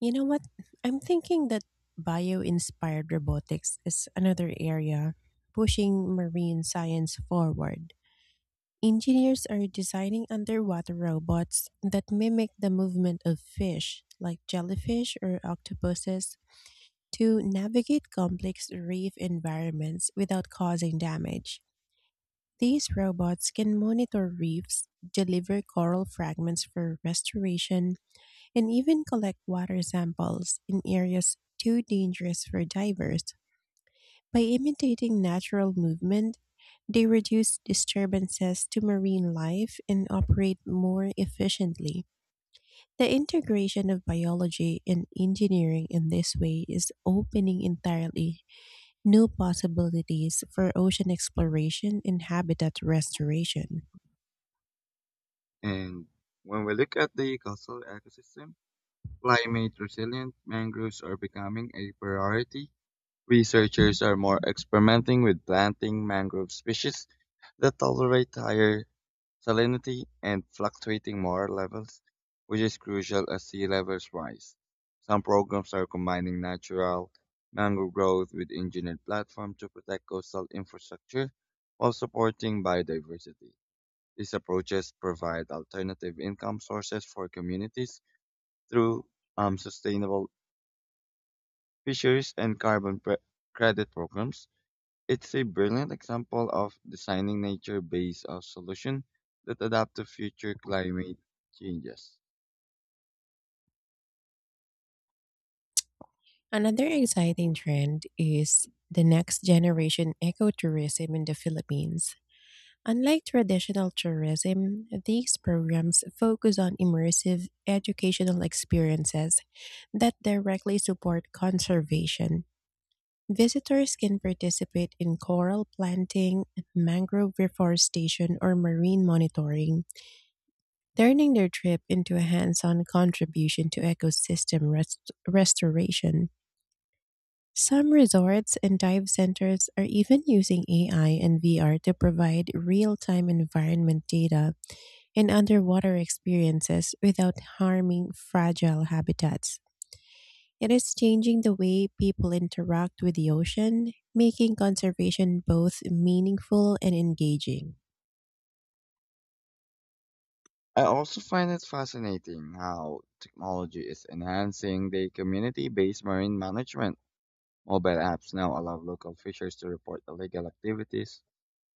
You know what? I'm thinking that bio inspired robotics is another area pushing marine science forward. Engineers are designing underwater robots that mimic the movement of fish, like jellyfish or octopuses, to navigate complex reef environments without causing damage. These robots can monitor reefs, deliver coral fragments for restoration, and even collect water samples in areas too dangerous for divers. By imitating natural movement, they reduce disturbances to marine life and operate more efficiently. The integration of biology and engineering in this way is opening entirely new possibilities for ocean exploration and habitat restoration. And when we look at the coastal ecosystem, climate resilient mangroves are becoming a priority. Researchers are more experimenting with planting mangrove species that tolerate higher salinity and fluctuating water levels, which is crucial as sea levels rise. Some programs are combining natural mangrove growth with engineered platforms to protect coastal infrastructure while supporting biodiversity. These approaches provide alternative income sources for communities through sustainable fisheries and carbon credit programs. It's a brilliant example of designing nature-based solution that adapt to future climate changes. Another exciting trend is the next generation ecotourism in the Philippines. Unlike traditional tourism, these programs focus on immersive educational experiences that directly support conservation. Visitors can participate in coral planting, mangrove reforestation, or marine monitoring, turning their trip into a hands on contribution to ecosystem restoration. Some resorts and dive centers are even using AI and VR to provide real time environment data and underwater experiences without harming fragile habitats. It is changing the way people interact with the ocean, making conservation both meaningful and engaging. I also find it fascinating how technology is enhancing the community-based marine management. Mobile apps now allow local fishers to report illegal activities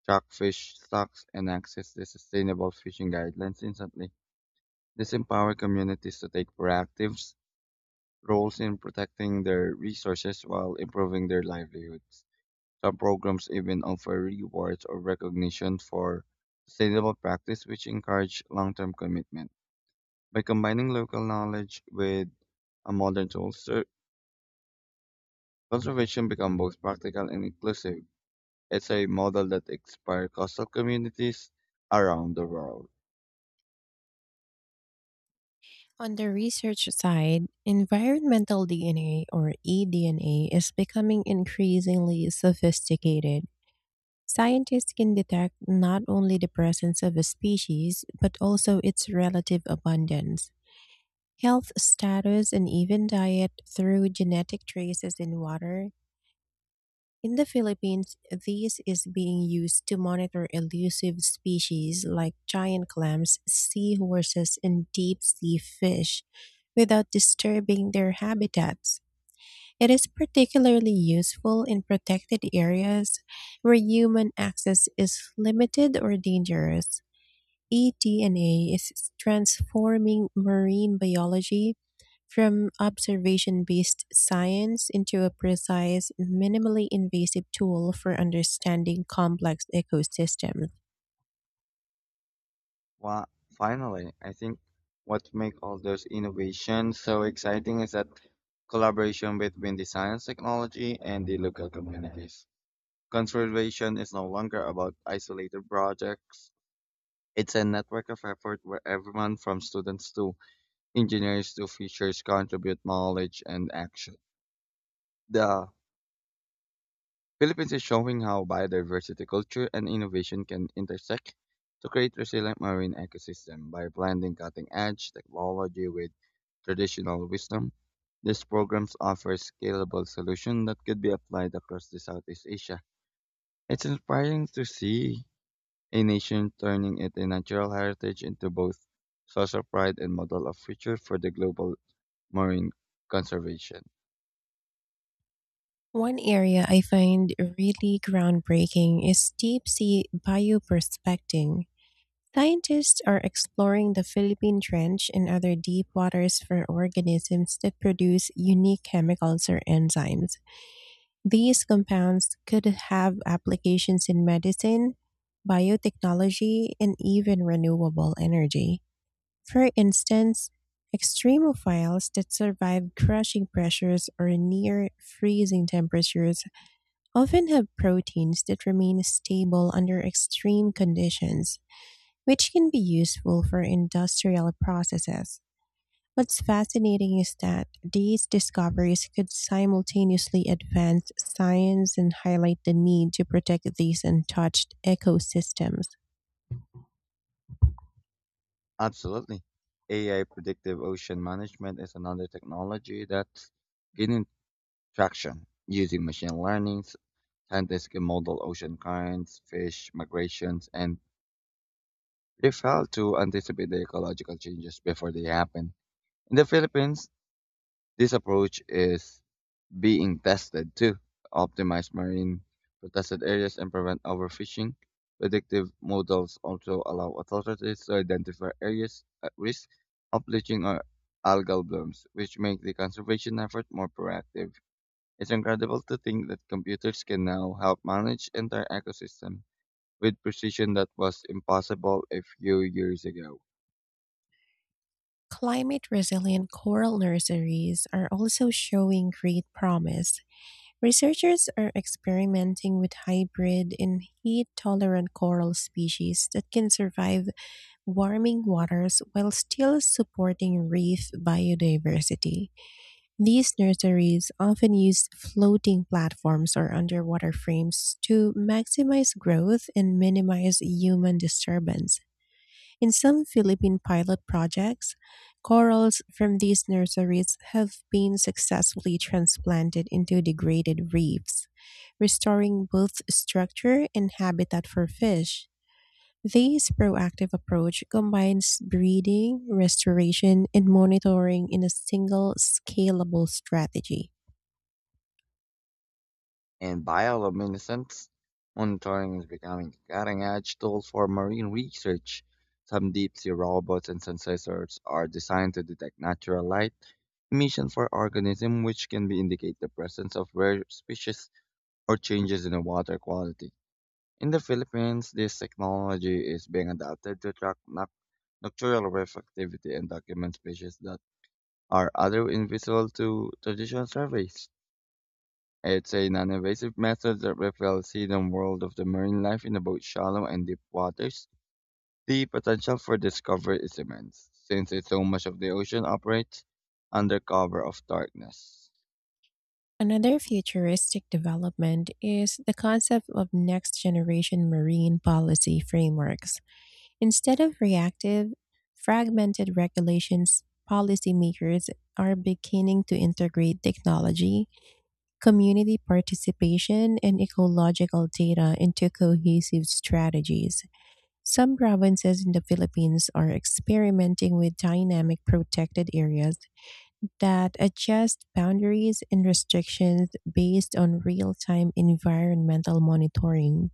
Jackfish stocks and access to sustainable fishing guidelines instantly. This empowers communities to take proactive roles in protecting their resources while improving their livelihoods. Some programs even offer rewards or recognition for sustainable practice, which encourage long-term commitment. By combining local knowledge with a modern tools, conservation becomes both practical and inclusive. It's a model that inspires coastal communities around the world. On the research side, environmental DNA or eDNA is becoming increasingly sophisticated. Scientists can detect not only the presence of a species, but also its relative abundance, health status, and even diet through genetic traces in water. In the Philippines, this is being used to monitor elusive species like giant clams, seahorses, and deep sea fish without disturbing their habitats. It is particularly useful in protected areas where human access is limited or dangerous. eDNA is transforming marine biology from observation based science into a precise, minimally invasive tool for understanding complex ecosystems. Wa- Finally, I think what makes all those innovations so exciting is that collaboration between the science, technology, and the local communities. Conservation is no longer about isolated projects. It's a network of effort where everyone from students to engineers to fishers contribute knowledge and action. The Philippines is showing how biodiversity, culture, and innovation can intersect to create resilient marine ecosystem by blending cutting-edge technology with traditional wisdom. These programs offer scalable solutions that could be applied across the Southeast Asia. It's inspiring to see a nation turning its natural heritage into both source of pride and model of future for the global marine conservation. One area I find really groundbreaking is deep sea bioprospecting. Scientists are exploring the Philippine Trench and other deep waters for organisms that produce unique chemicals or enzymes. These compounds could have applications in medicine, biotechnology, and even renewable energy. For instance, extremophiles that survive crushing pressures or near freezing temperatures often have proteins that remain stable under extreme conditions, which can be useful for industrial processes. What's fascinating is that these discoveries could simultaneously advance science and highlight the need to protect these untouched ecosystems. Absolutely. AI predictive ocean management is another technology that's gaining traction using machine learning. Scientists can model ocean currents, fish migrations, and reef health to anticipate the ecological changes before they happen. In the Philippines, this approach is being tested to optimize marine protected areas and prevent overfishing. Predictive models also allow authorities to identify areas at risk of bleaching or algal blooms, which make the conservation effort more proactive. It's incredible to think that computers can now help manage entire ecosystem with precision that was impossible a few years ago. Climate resilient coral nurseries are also showing great promise. Researchers are experimenting with hybrid and heat tolerant coral species that can survive warming waters while still supporting reef biodiversity. These nurseries often use floating platforms or underwater frames to maximize growth and minimize human disturbance. In some Philippine pilot projects, corals from these nurseries have been successfully transplanted into degraded reefs, restoring both structure and habitat for fish. This proactive approach combines breeding, restoration, and monitoring in a single scalable strategy. And bioluminescence monitoring is becoming a cutting-edge tool for marine research. Some deep-sea robots and sensors are designed to detect natural light emissions for organisms, which can be indicate the presence of rare species or changes in the water quality. In the Philippines, this technology is being adapted to track nocturnal reef activity and document species that are other invisible to traditional surveys. It's a non-invasive method that reflects the hidden world of the marine life in both shallow and deep waters. The potential for discovery is immense, since it's so much of the ocean operates under cover of darkness. Another futuristic development is the concept of next generation marine policy frameworks. Instead of reactive, fragmented regulations, policymakers are beginning to integrate technology, community participation, and ecological data into cohesive strategies. Some provinces in the Philippines are experimenting with dynamic protected areas that adjust boundaries and restrictions based on real time environmental monitoring.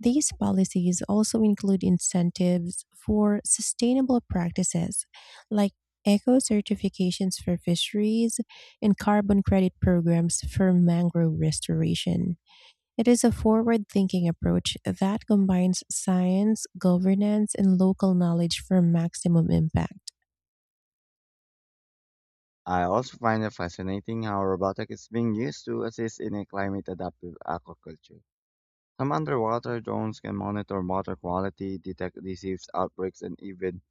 These policies also include incentives for sustainable practices like eco certifications for fisheries and carbon credit programs for mangrove restoration. It is a forward thinking approach that combines science, governance, and local knowledge for maximum impact. I also find it fascinating how robotics is being used to assist in a climate adaptive aquaculture. Some underwater drones can monitor water quality, detect disease outbreaks, and even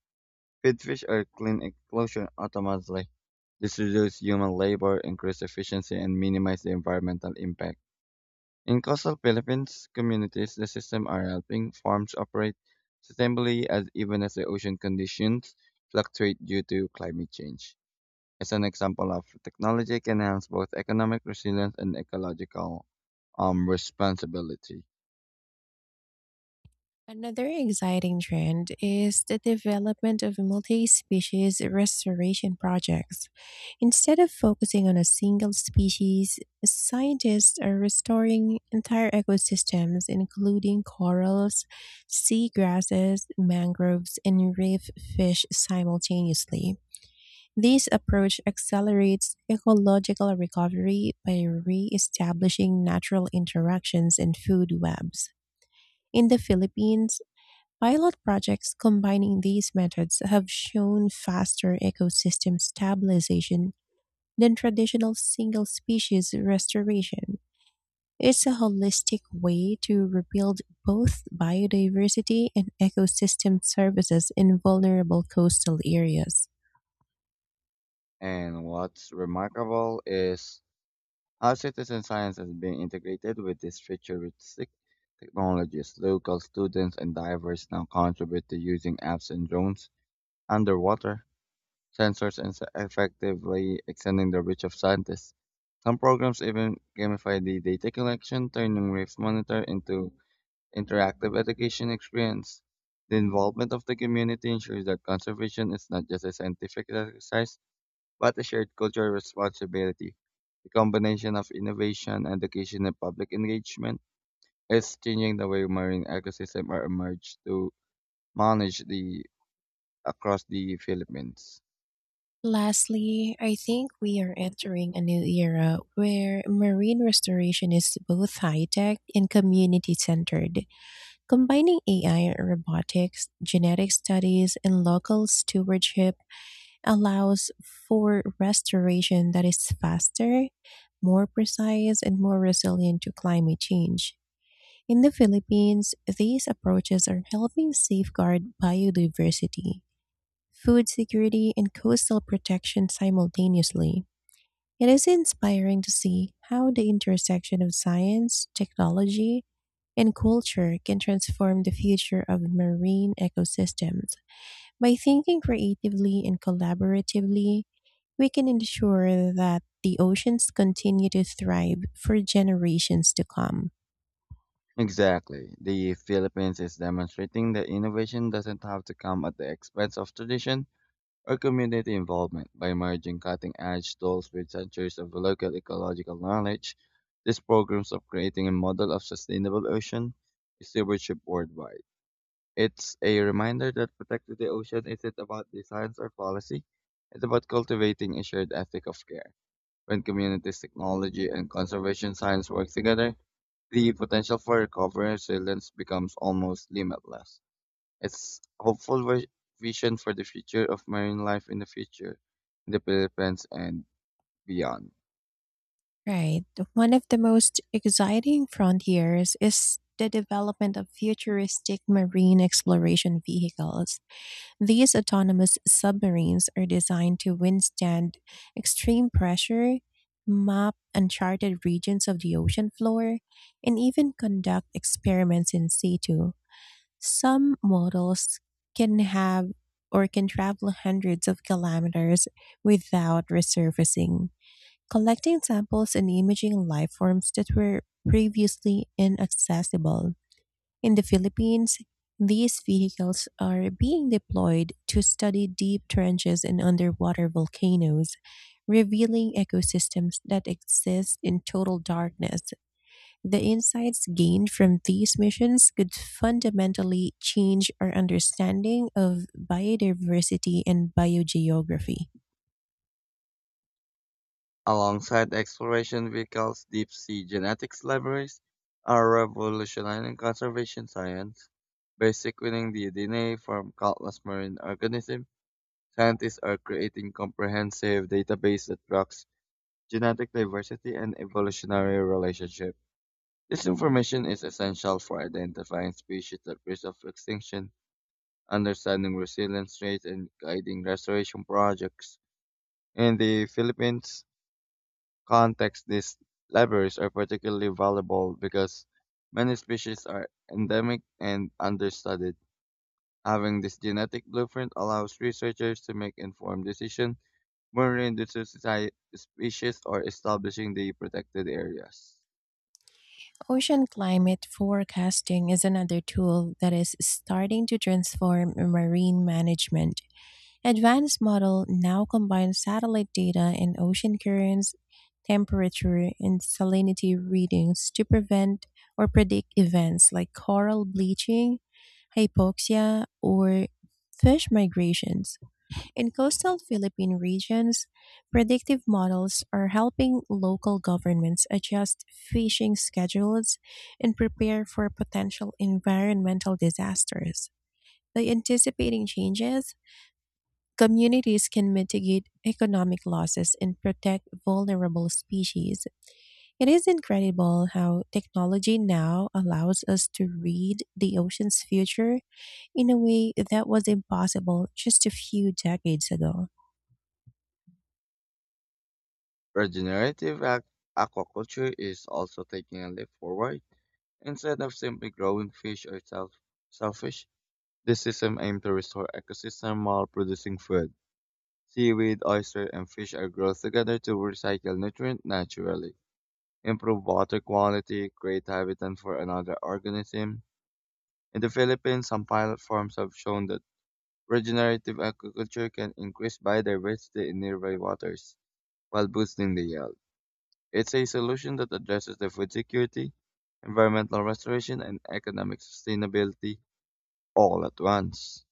Goldfish are cleaned and closed automatically. This reduces human labor, increases efficiency, and minimizes the environmental impact. In coastal Philippines communities, the system are helping farms operate sustainably as even as the ocean conditions fluctuate due to climate change. As an example of technology can enhance both economic resilience and ecological responsibility. Another exciting trend is the development of multi species restoration projects. Instead of focusing on a single species, scientists are restoring entire ecosystems, including corals, seagrasses, mangroves, and reef fish simultaneously. This approach accelerates ecological recovery by re establishing natural interactions and food webs. In the Philippines, pilot projects combining these methods have shown faster ecosystem stabilization than traditional single species restoration. It's a holistic way to rebuild both biodiversity and ecosystem services in vulnerable coastal areas. And what's remarkable is our citizen science has been integrated with these futuristic technologies. Local students and divers now contribute to using apps and drones, underwater sensors, and effectively extending the reach of scientists. Some programs even gamify the data collection, turning Reef Monitor into interactive education experience. The involvement of the community ensures that conservation is not just a scientific exercise, but a shared cultural responsibility. The combination of innovation, education, and public engagement is changing the way marine ecosystems are emerged to manage the across the Philippines. Lastly, I think we are entering a new era where marine restoration is both high tech and community centered, combining AI, robotics, genetic studies, and local stewardship allows for restoration that is faster, more precise, and more resilient to climate change. In the Philippines, these approaches are helping safeguard biodiversity, food security, and coastal protection simultaneously. It is inspiring to see how the intersection of science, technology, and culture can transform the future of marine ecosystems. By thinking creatively and collaboratively, we can ensure that the oceans continue to thrive for generations to come. Exactly. The Philippines is demonstrating that innovation doesn't have to come at the expense of tradition or community involvement. By merging cutting edge tools with centuries of local ecological knowledge, these programs are creating a model of sustainable ocean stewardship worldwide. It's a reminder that protecting the ocean isn't about designs or policy. It's about cultivating a shared ethic of care. When communities, technology, and conservation science work together, the potential for recovery and resilience becomes almost limitless. It's a hopeful vision for the future of marine life in the future, in the Philippines and beyond. Right. One of the most exciting frontiers is the development of futuristic marine exploration vehicles. These autonomous submarines are designed to withstand extreme pressure, map uncharted regions of the ocean floor, and even conduct experiments in situ. Some models can have or can travel hundreds of kilometers without resurfacing, collecting samples and imaging life forms that were previously inaccessible. In the Philippines, these vehicles are being deployed to study deep trenches and underwater volcanoes, revealing ecosystems that exist in total darkness. The insights gained from these missions could fundamentally change our understanding of biodiversity and biogeography. Alongside exploration vehicles, deep-sea genetics libraries are revolutionizing conservation science. By sequencing the DNA from countless marine organisms, scientists are creating comprehensive database that tracks genetic diversity and evolutionary relationship. This information is essential for identifying species at risk of extinction, understanding resilience rates, and guiding restoration projects. In the Philippines, context, these levers are particularly valuable because many species are endemic and understudied. Having this genetic blueprint allows researchers to make informed decisions when reintroducing species or establishing the protected areas. Ocean climate forecasting is another tool that is starting to transform marine management. Advanced model now combine satellite data and ocean currents, temperature, and salinity readings to prevent or predict events like coral bleaching, hypoxia, or fish migrations. In coastal Philippine regions, predictive models are helping local governments adjust fishing schedules and prepare for potential environmental disasters. By anticipating changes, communities can mitigate economic losses and protect vulnerable species. It is incredible how technology now allows us to read the ocean's future in a way that was impossible just a few decades ago. Regenerative ac- Aquaculture is also taking a leap forward. Instead of simply growing fish or shellfish, this system aims to restore ecosystem while producing food. Seaweed, oyster, and fish are grown together to recycle nutrients naturally, improve water quality, create habitat for another organism. In the Philippines, some pilot farms have shown that regenerative agriculture can increase biodiversity in nearby waters while boosting the yield. It's a solution that addresses the food security, environmental restoration, and economic sustainability all at once.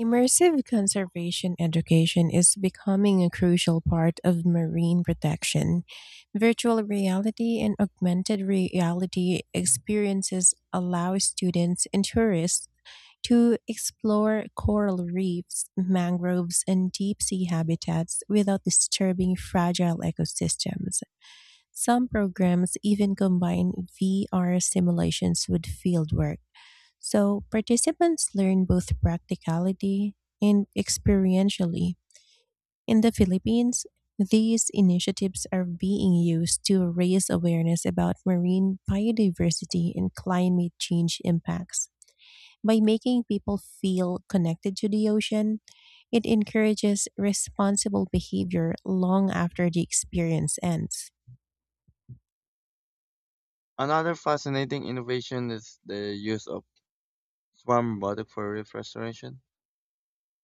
Immersive conservation education is becoming a crucial part of marine protection. Virtual reality and augmented reality experiences allow students and tourists to explore coral reefs, mangroves, and deep sea habitats without disturbing fragile ecosystems. Some programs even combine VR simulations with fieldwork, so participants learn both practicality and experientially. In the Philippines, these initiatives are being used to raise awareness about marine biodiversity and climate change impacts. By making people feel connected to the ocean, it encourages responsible behavior long after the experience ends. Another fascinating innovation is the use of swarm robotics for reef restoration.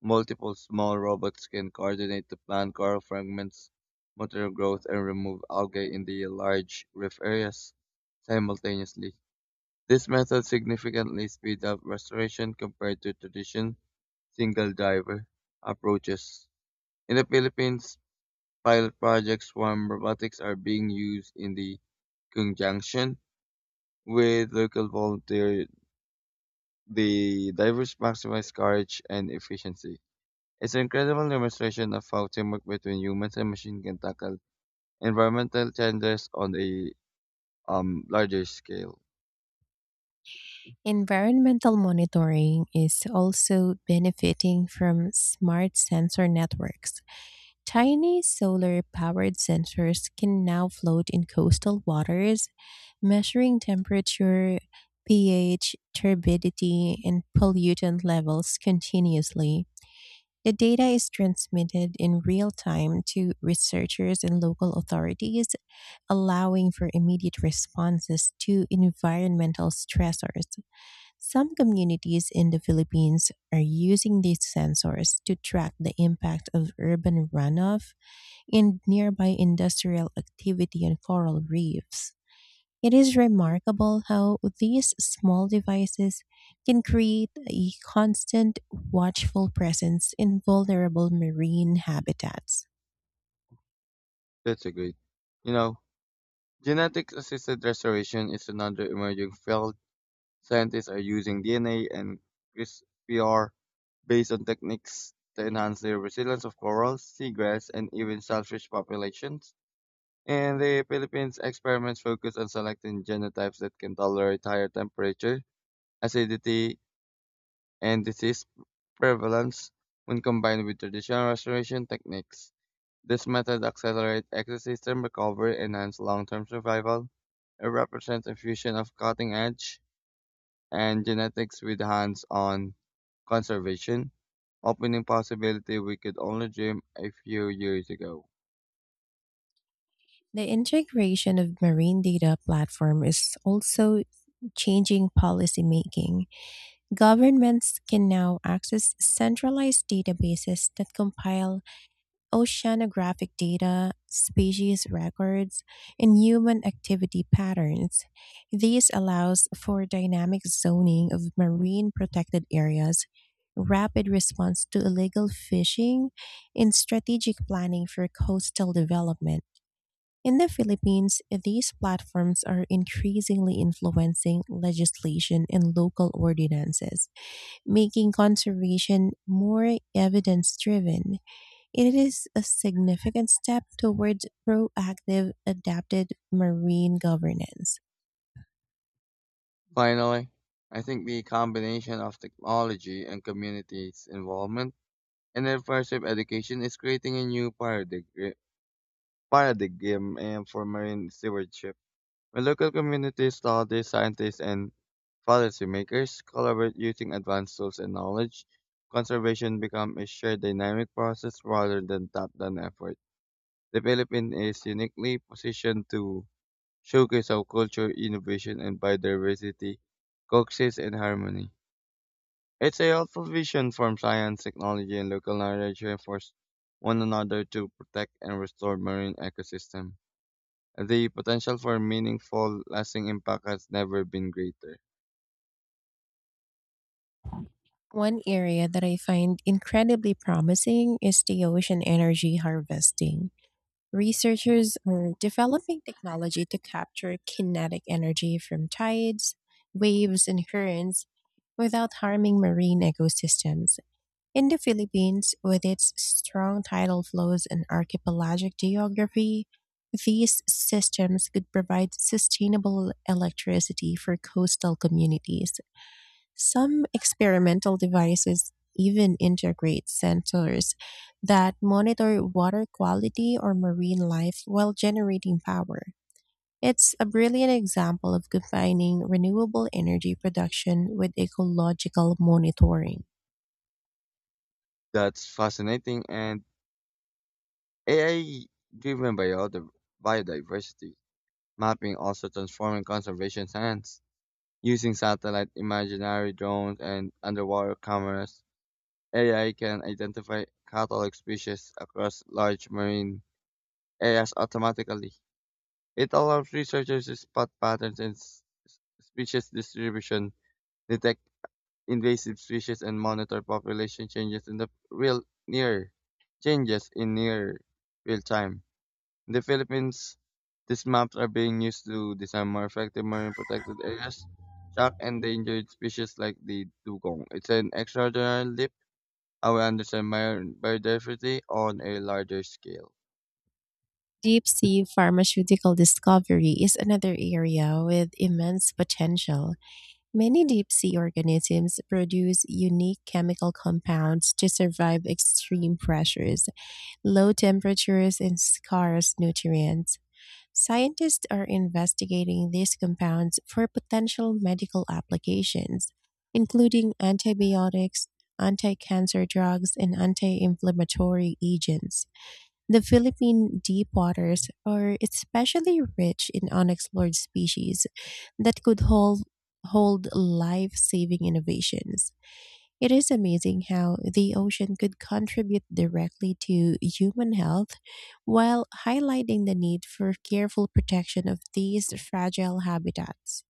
Multiple small robots can coordinate to plant coral fragments, monitor growth, and remove algae in the large reef areas simultaneously. This method significantly speeds up restoration compared to traditional single diver approaches. In the Philippines, pilot projects swarm robotics are being used in the conjunction with local volunteer the divers maximize courage and efficiency. It's an incredible demonstration of how teamwork between humans and machines can tackle environmental challenges on a larger scale. Environmental monitoring is also benefiting from smart sensor networks. Tiny solar powered sensors can now float in coastal waters, measuring temperature, pH, turbidity, and pollutant levels continuously. The data is transmitted in real time to researchers and local authorities, allowing for immediate responses to environmental stressors. Some communities in the Philippines are using these sensors to track the impact of urban runoff and nearby industrial activity on coral reefs. It is remarkable how these small devices can create a constant watchful presence in vulnerable marine habitats. That's a great. You know, genetic assisted restoration is another emerging field. Scientists are using DNA and CRISPR based on techniques to enhance the resilience of corals, seagrass, and even shellfish populations. In the Philippines experiments focus on selecting genotypes that can tolerate higher temperature, acidity, and disease prevalence when combined with traditional restoration techniques. This method accelerates ecosystem recovery, enhances long-term survival, and represents a fusion of cutting-edge and genetics with hands-on conservation, opening possibility we could only dream a few years ago. The integration of marine data platform is also changing policy making. Governments can now access centralized databases that compile oceanographic data, species records, and human activity patterns. This allows for dynamic zoning of marine protected areas, rapid response to illegal fishing, and strategic planning for coastal development. In the Philippines, these platforms are increasingly influencing legislation and local ordinances, making conservation more evidence driven. It is a significant step towards proactive adapted marine governance. Finally, I think the combination of technology and communities' involvement in immersive education is creating a new paradigm and for marine stewardship. When local communities, studies, scientists, and policymakers collaborate using advanced tools and knowledge, conservation becomes a shared dynamic process rather than top-down effort. The Philippines is uniquely positioned to showcase how culture, innovation, and biodiversity coexist in harmony. It's a helpful vision from science, technology, and local knowledge reinforce one another to protect and restore marine ecosystem. The potential for meaningful, lasting impact has never been greater. One area that I find incredibly promising is the ocean energy harvesting. Researchers are developing technology to capture kinetic energy from tides, waves, and currents without harming marine ecosystems. In the Philippines, with its strong tidal flows and archipelagic geography, these systems could provide sustainable electricity for coastal communities. Some experimental devices even integrate sensors that monitor water quality or marine life while generating power. It's a brilliant example of combining renewable energy production with ecological monitoring. That's fascinating. And AI driven biodiversity mapping also transforming conservation science. Using satellite imaginary drones and underwater cameras, AI can identify catalog species across large marine areas automatically. It allows researchers to spot patterns in species distribution, detect invasive species and monitor population changes in the real near changes in near real time. In the Philippines, these maps are being used to design more effective marine protected areas, shark endangered species like the dugong. It's an extraordinary leap how we understand biodiversity on a larger scale. Deep sea pharmaceutical discovery is another area with immense potential. Many deep sea organisms produce unique chemical compounds to survive extreme pressures, low temperatures, and scarce nutrients. Scientists are investigating these compounds for potential medical applications, including antibiotics, anti cancer drugs, and anti inflammatory agents. The Philippine deep waters are especially rich in unexplored species that hold life saving innovations. It is amazing how the ocean could contribute directly to human health while highlighting the need for careful protection of these fragile habitats.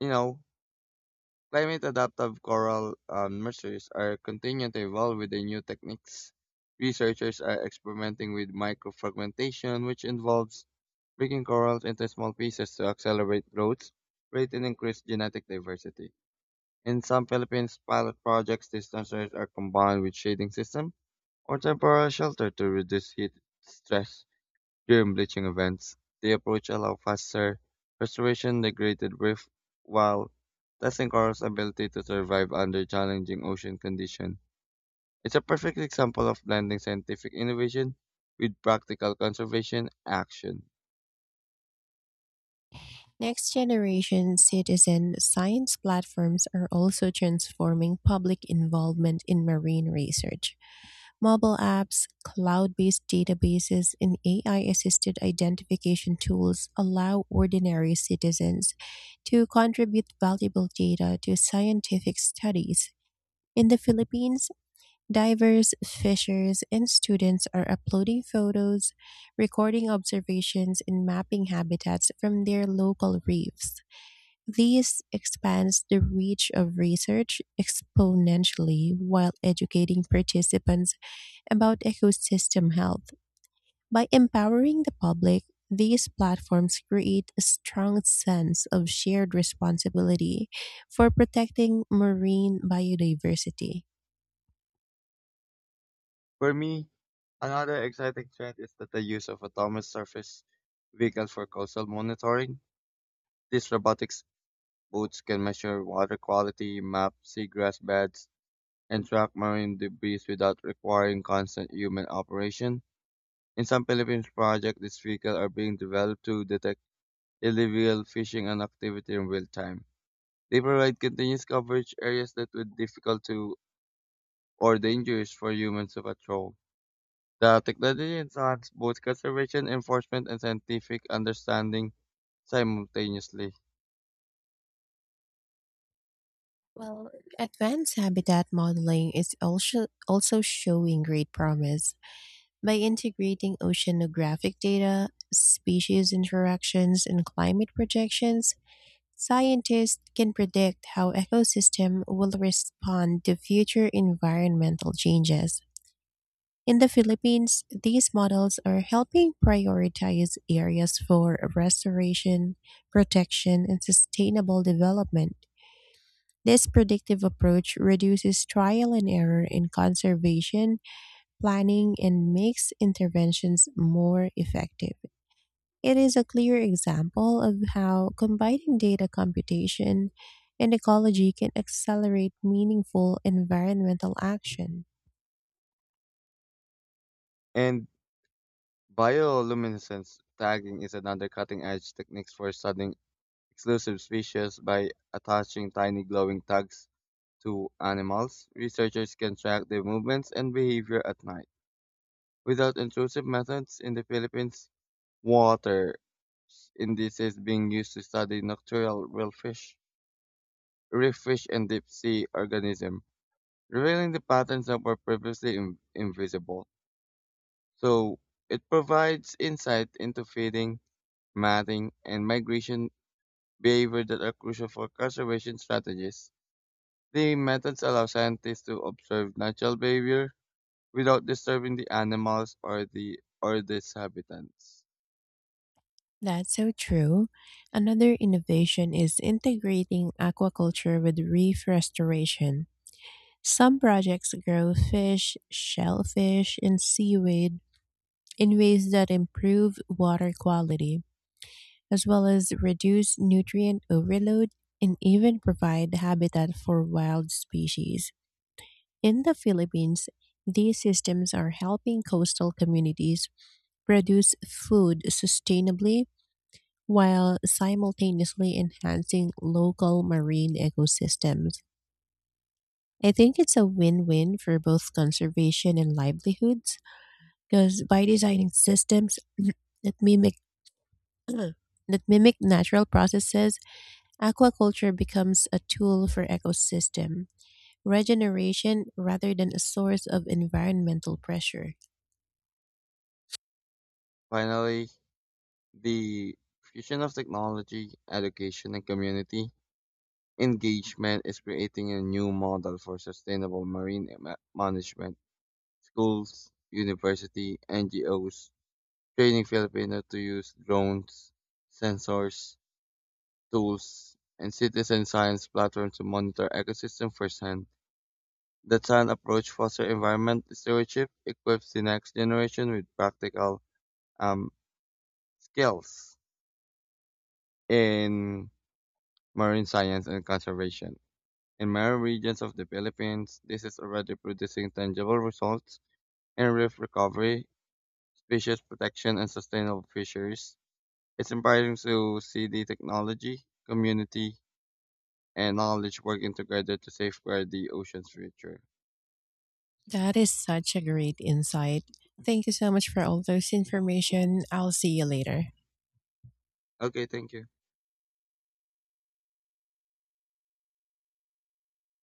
You know, climate adaptive coral nurseries are continuing to evolve with the new techniques. Researchers are experimenting with microfragmentation, which involves breaking corals into small pieces to accelerate growth rate and increase genetic diversity. In some Philippines, pilot projects, these nurseries are combined with shading system or temporary shelter to reduce heat stress. During bleaching events, the approach allows faster restoration degraded reef while testing corals' ability to survive under challenging ocean conditions. It's a perfect example of blending scientific innovation with practical conservation action. Next generation citizen science platforms are also transforming public involvement in marine research. Mobile apps, cloud based databases, and AI assisted identification tools allow ordinary citizens to contribute valuable data to scientific studies. In the Philippines, divers, fishers, and students are uploading photos, recording observations, and mapping habitats from their local reefs. This expands the reach of research exponentially while educating participants about ecosystem health. By empowering the public, these platforms create a strong sense of shared responsibility for protecting marine biodiversity. For me, another exciting trend is that the use of autonomous surface vehicles for coastal monitoring. These robotics boats can measure water quality, map seagrass beds, and track marine debris without requiring constant human operation. In some Philippines projects, these vehicles are being developed to detect illegal fishing and activity in real time. They provide continuous coverage areas that would difficult to or dangerous for humans to patrol. The technology enhances both conservation enforcement and scientific understanding simultaneously. Well, advanced habitat modeling is also showing great promise. By integrating oceanographic data, species interactions, and climate projections, scientists can predict how ecosystem will respond to future environmental changes. In the Philippines, these models are helping prioritize areas for restoration, protection, and sustainable development. This predictive approach reduces trial and error in conservation planning and makes interventions more effective. It is a clear example of how combining data computation and ecology can accelerate meaningful environmental action. And bioluminescence tagging is another cutting edge technique for studying exclusive species by attaching tiny glowing tags to animals. Researchers can track their movements and behavior at night without intrusive methods. In the Philippines, water indices is being used to study nocturnal whalefish, reef fish, and deep sea organisms, revealing the patterns that were previously invisible. So it provides insight into feeding, mating, and migration behavior that are crucial for conservation strategies. The methods allow scientists to observe natural behavior without disturbing the animals or its habitats. That's so true. Another innovation is integrating aquaculture with reef restoration. Some projects grow fish, shellfish, and seaweed in ways that improve water quality, as well as reduce nutrient overload and even provide habitat for wild species. In the Philippines, these systems are helping coastal communities produce food sustainably while simultaneously enhancing local marine ecosystems. I think it's a win win for both conservation and livelihoods because by designing systems that mimic that mimic natural processes, aquaculture becomes a tool for ecosystem regeneration rather than a source of environmental pressure. Finally, the fusion of technology, education, and community engagement is creating a new model for sustainable marine management. Schools, university, NGOs training Filipinos to use drones, sensors, tools, and citizen science platforms to monitor ecosystem firsthand. The Chan approach fosters environment stewardship, equips the next generation with practical um, skills in marine science and conservation. In many regions of the Philippines, this is already producing tangible results in reef recovery, species protection, and sustainable fisheries. It's inspiring to see the technology, community, and knowledge working together to safeguard the ocean's future. That is such a great insight. Thank you so much for all those information. I'll see you later. Okay, thank you.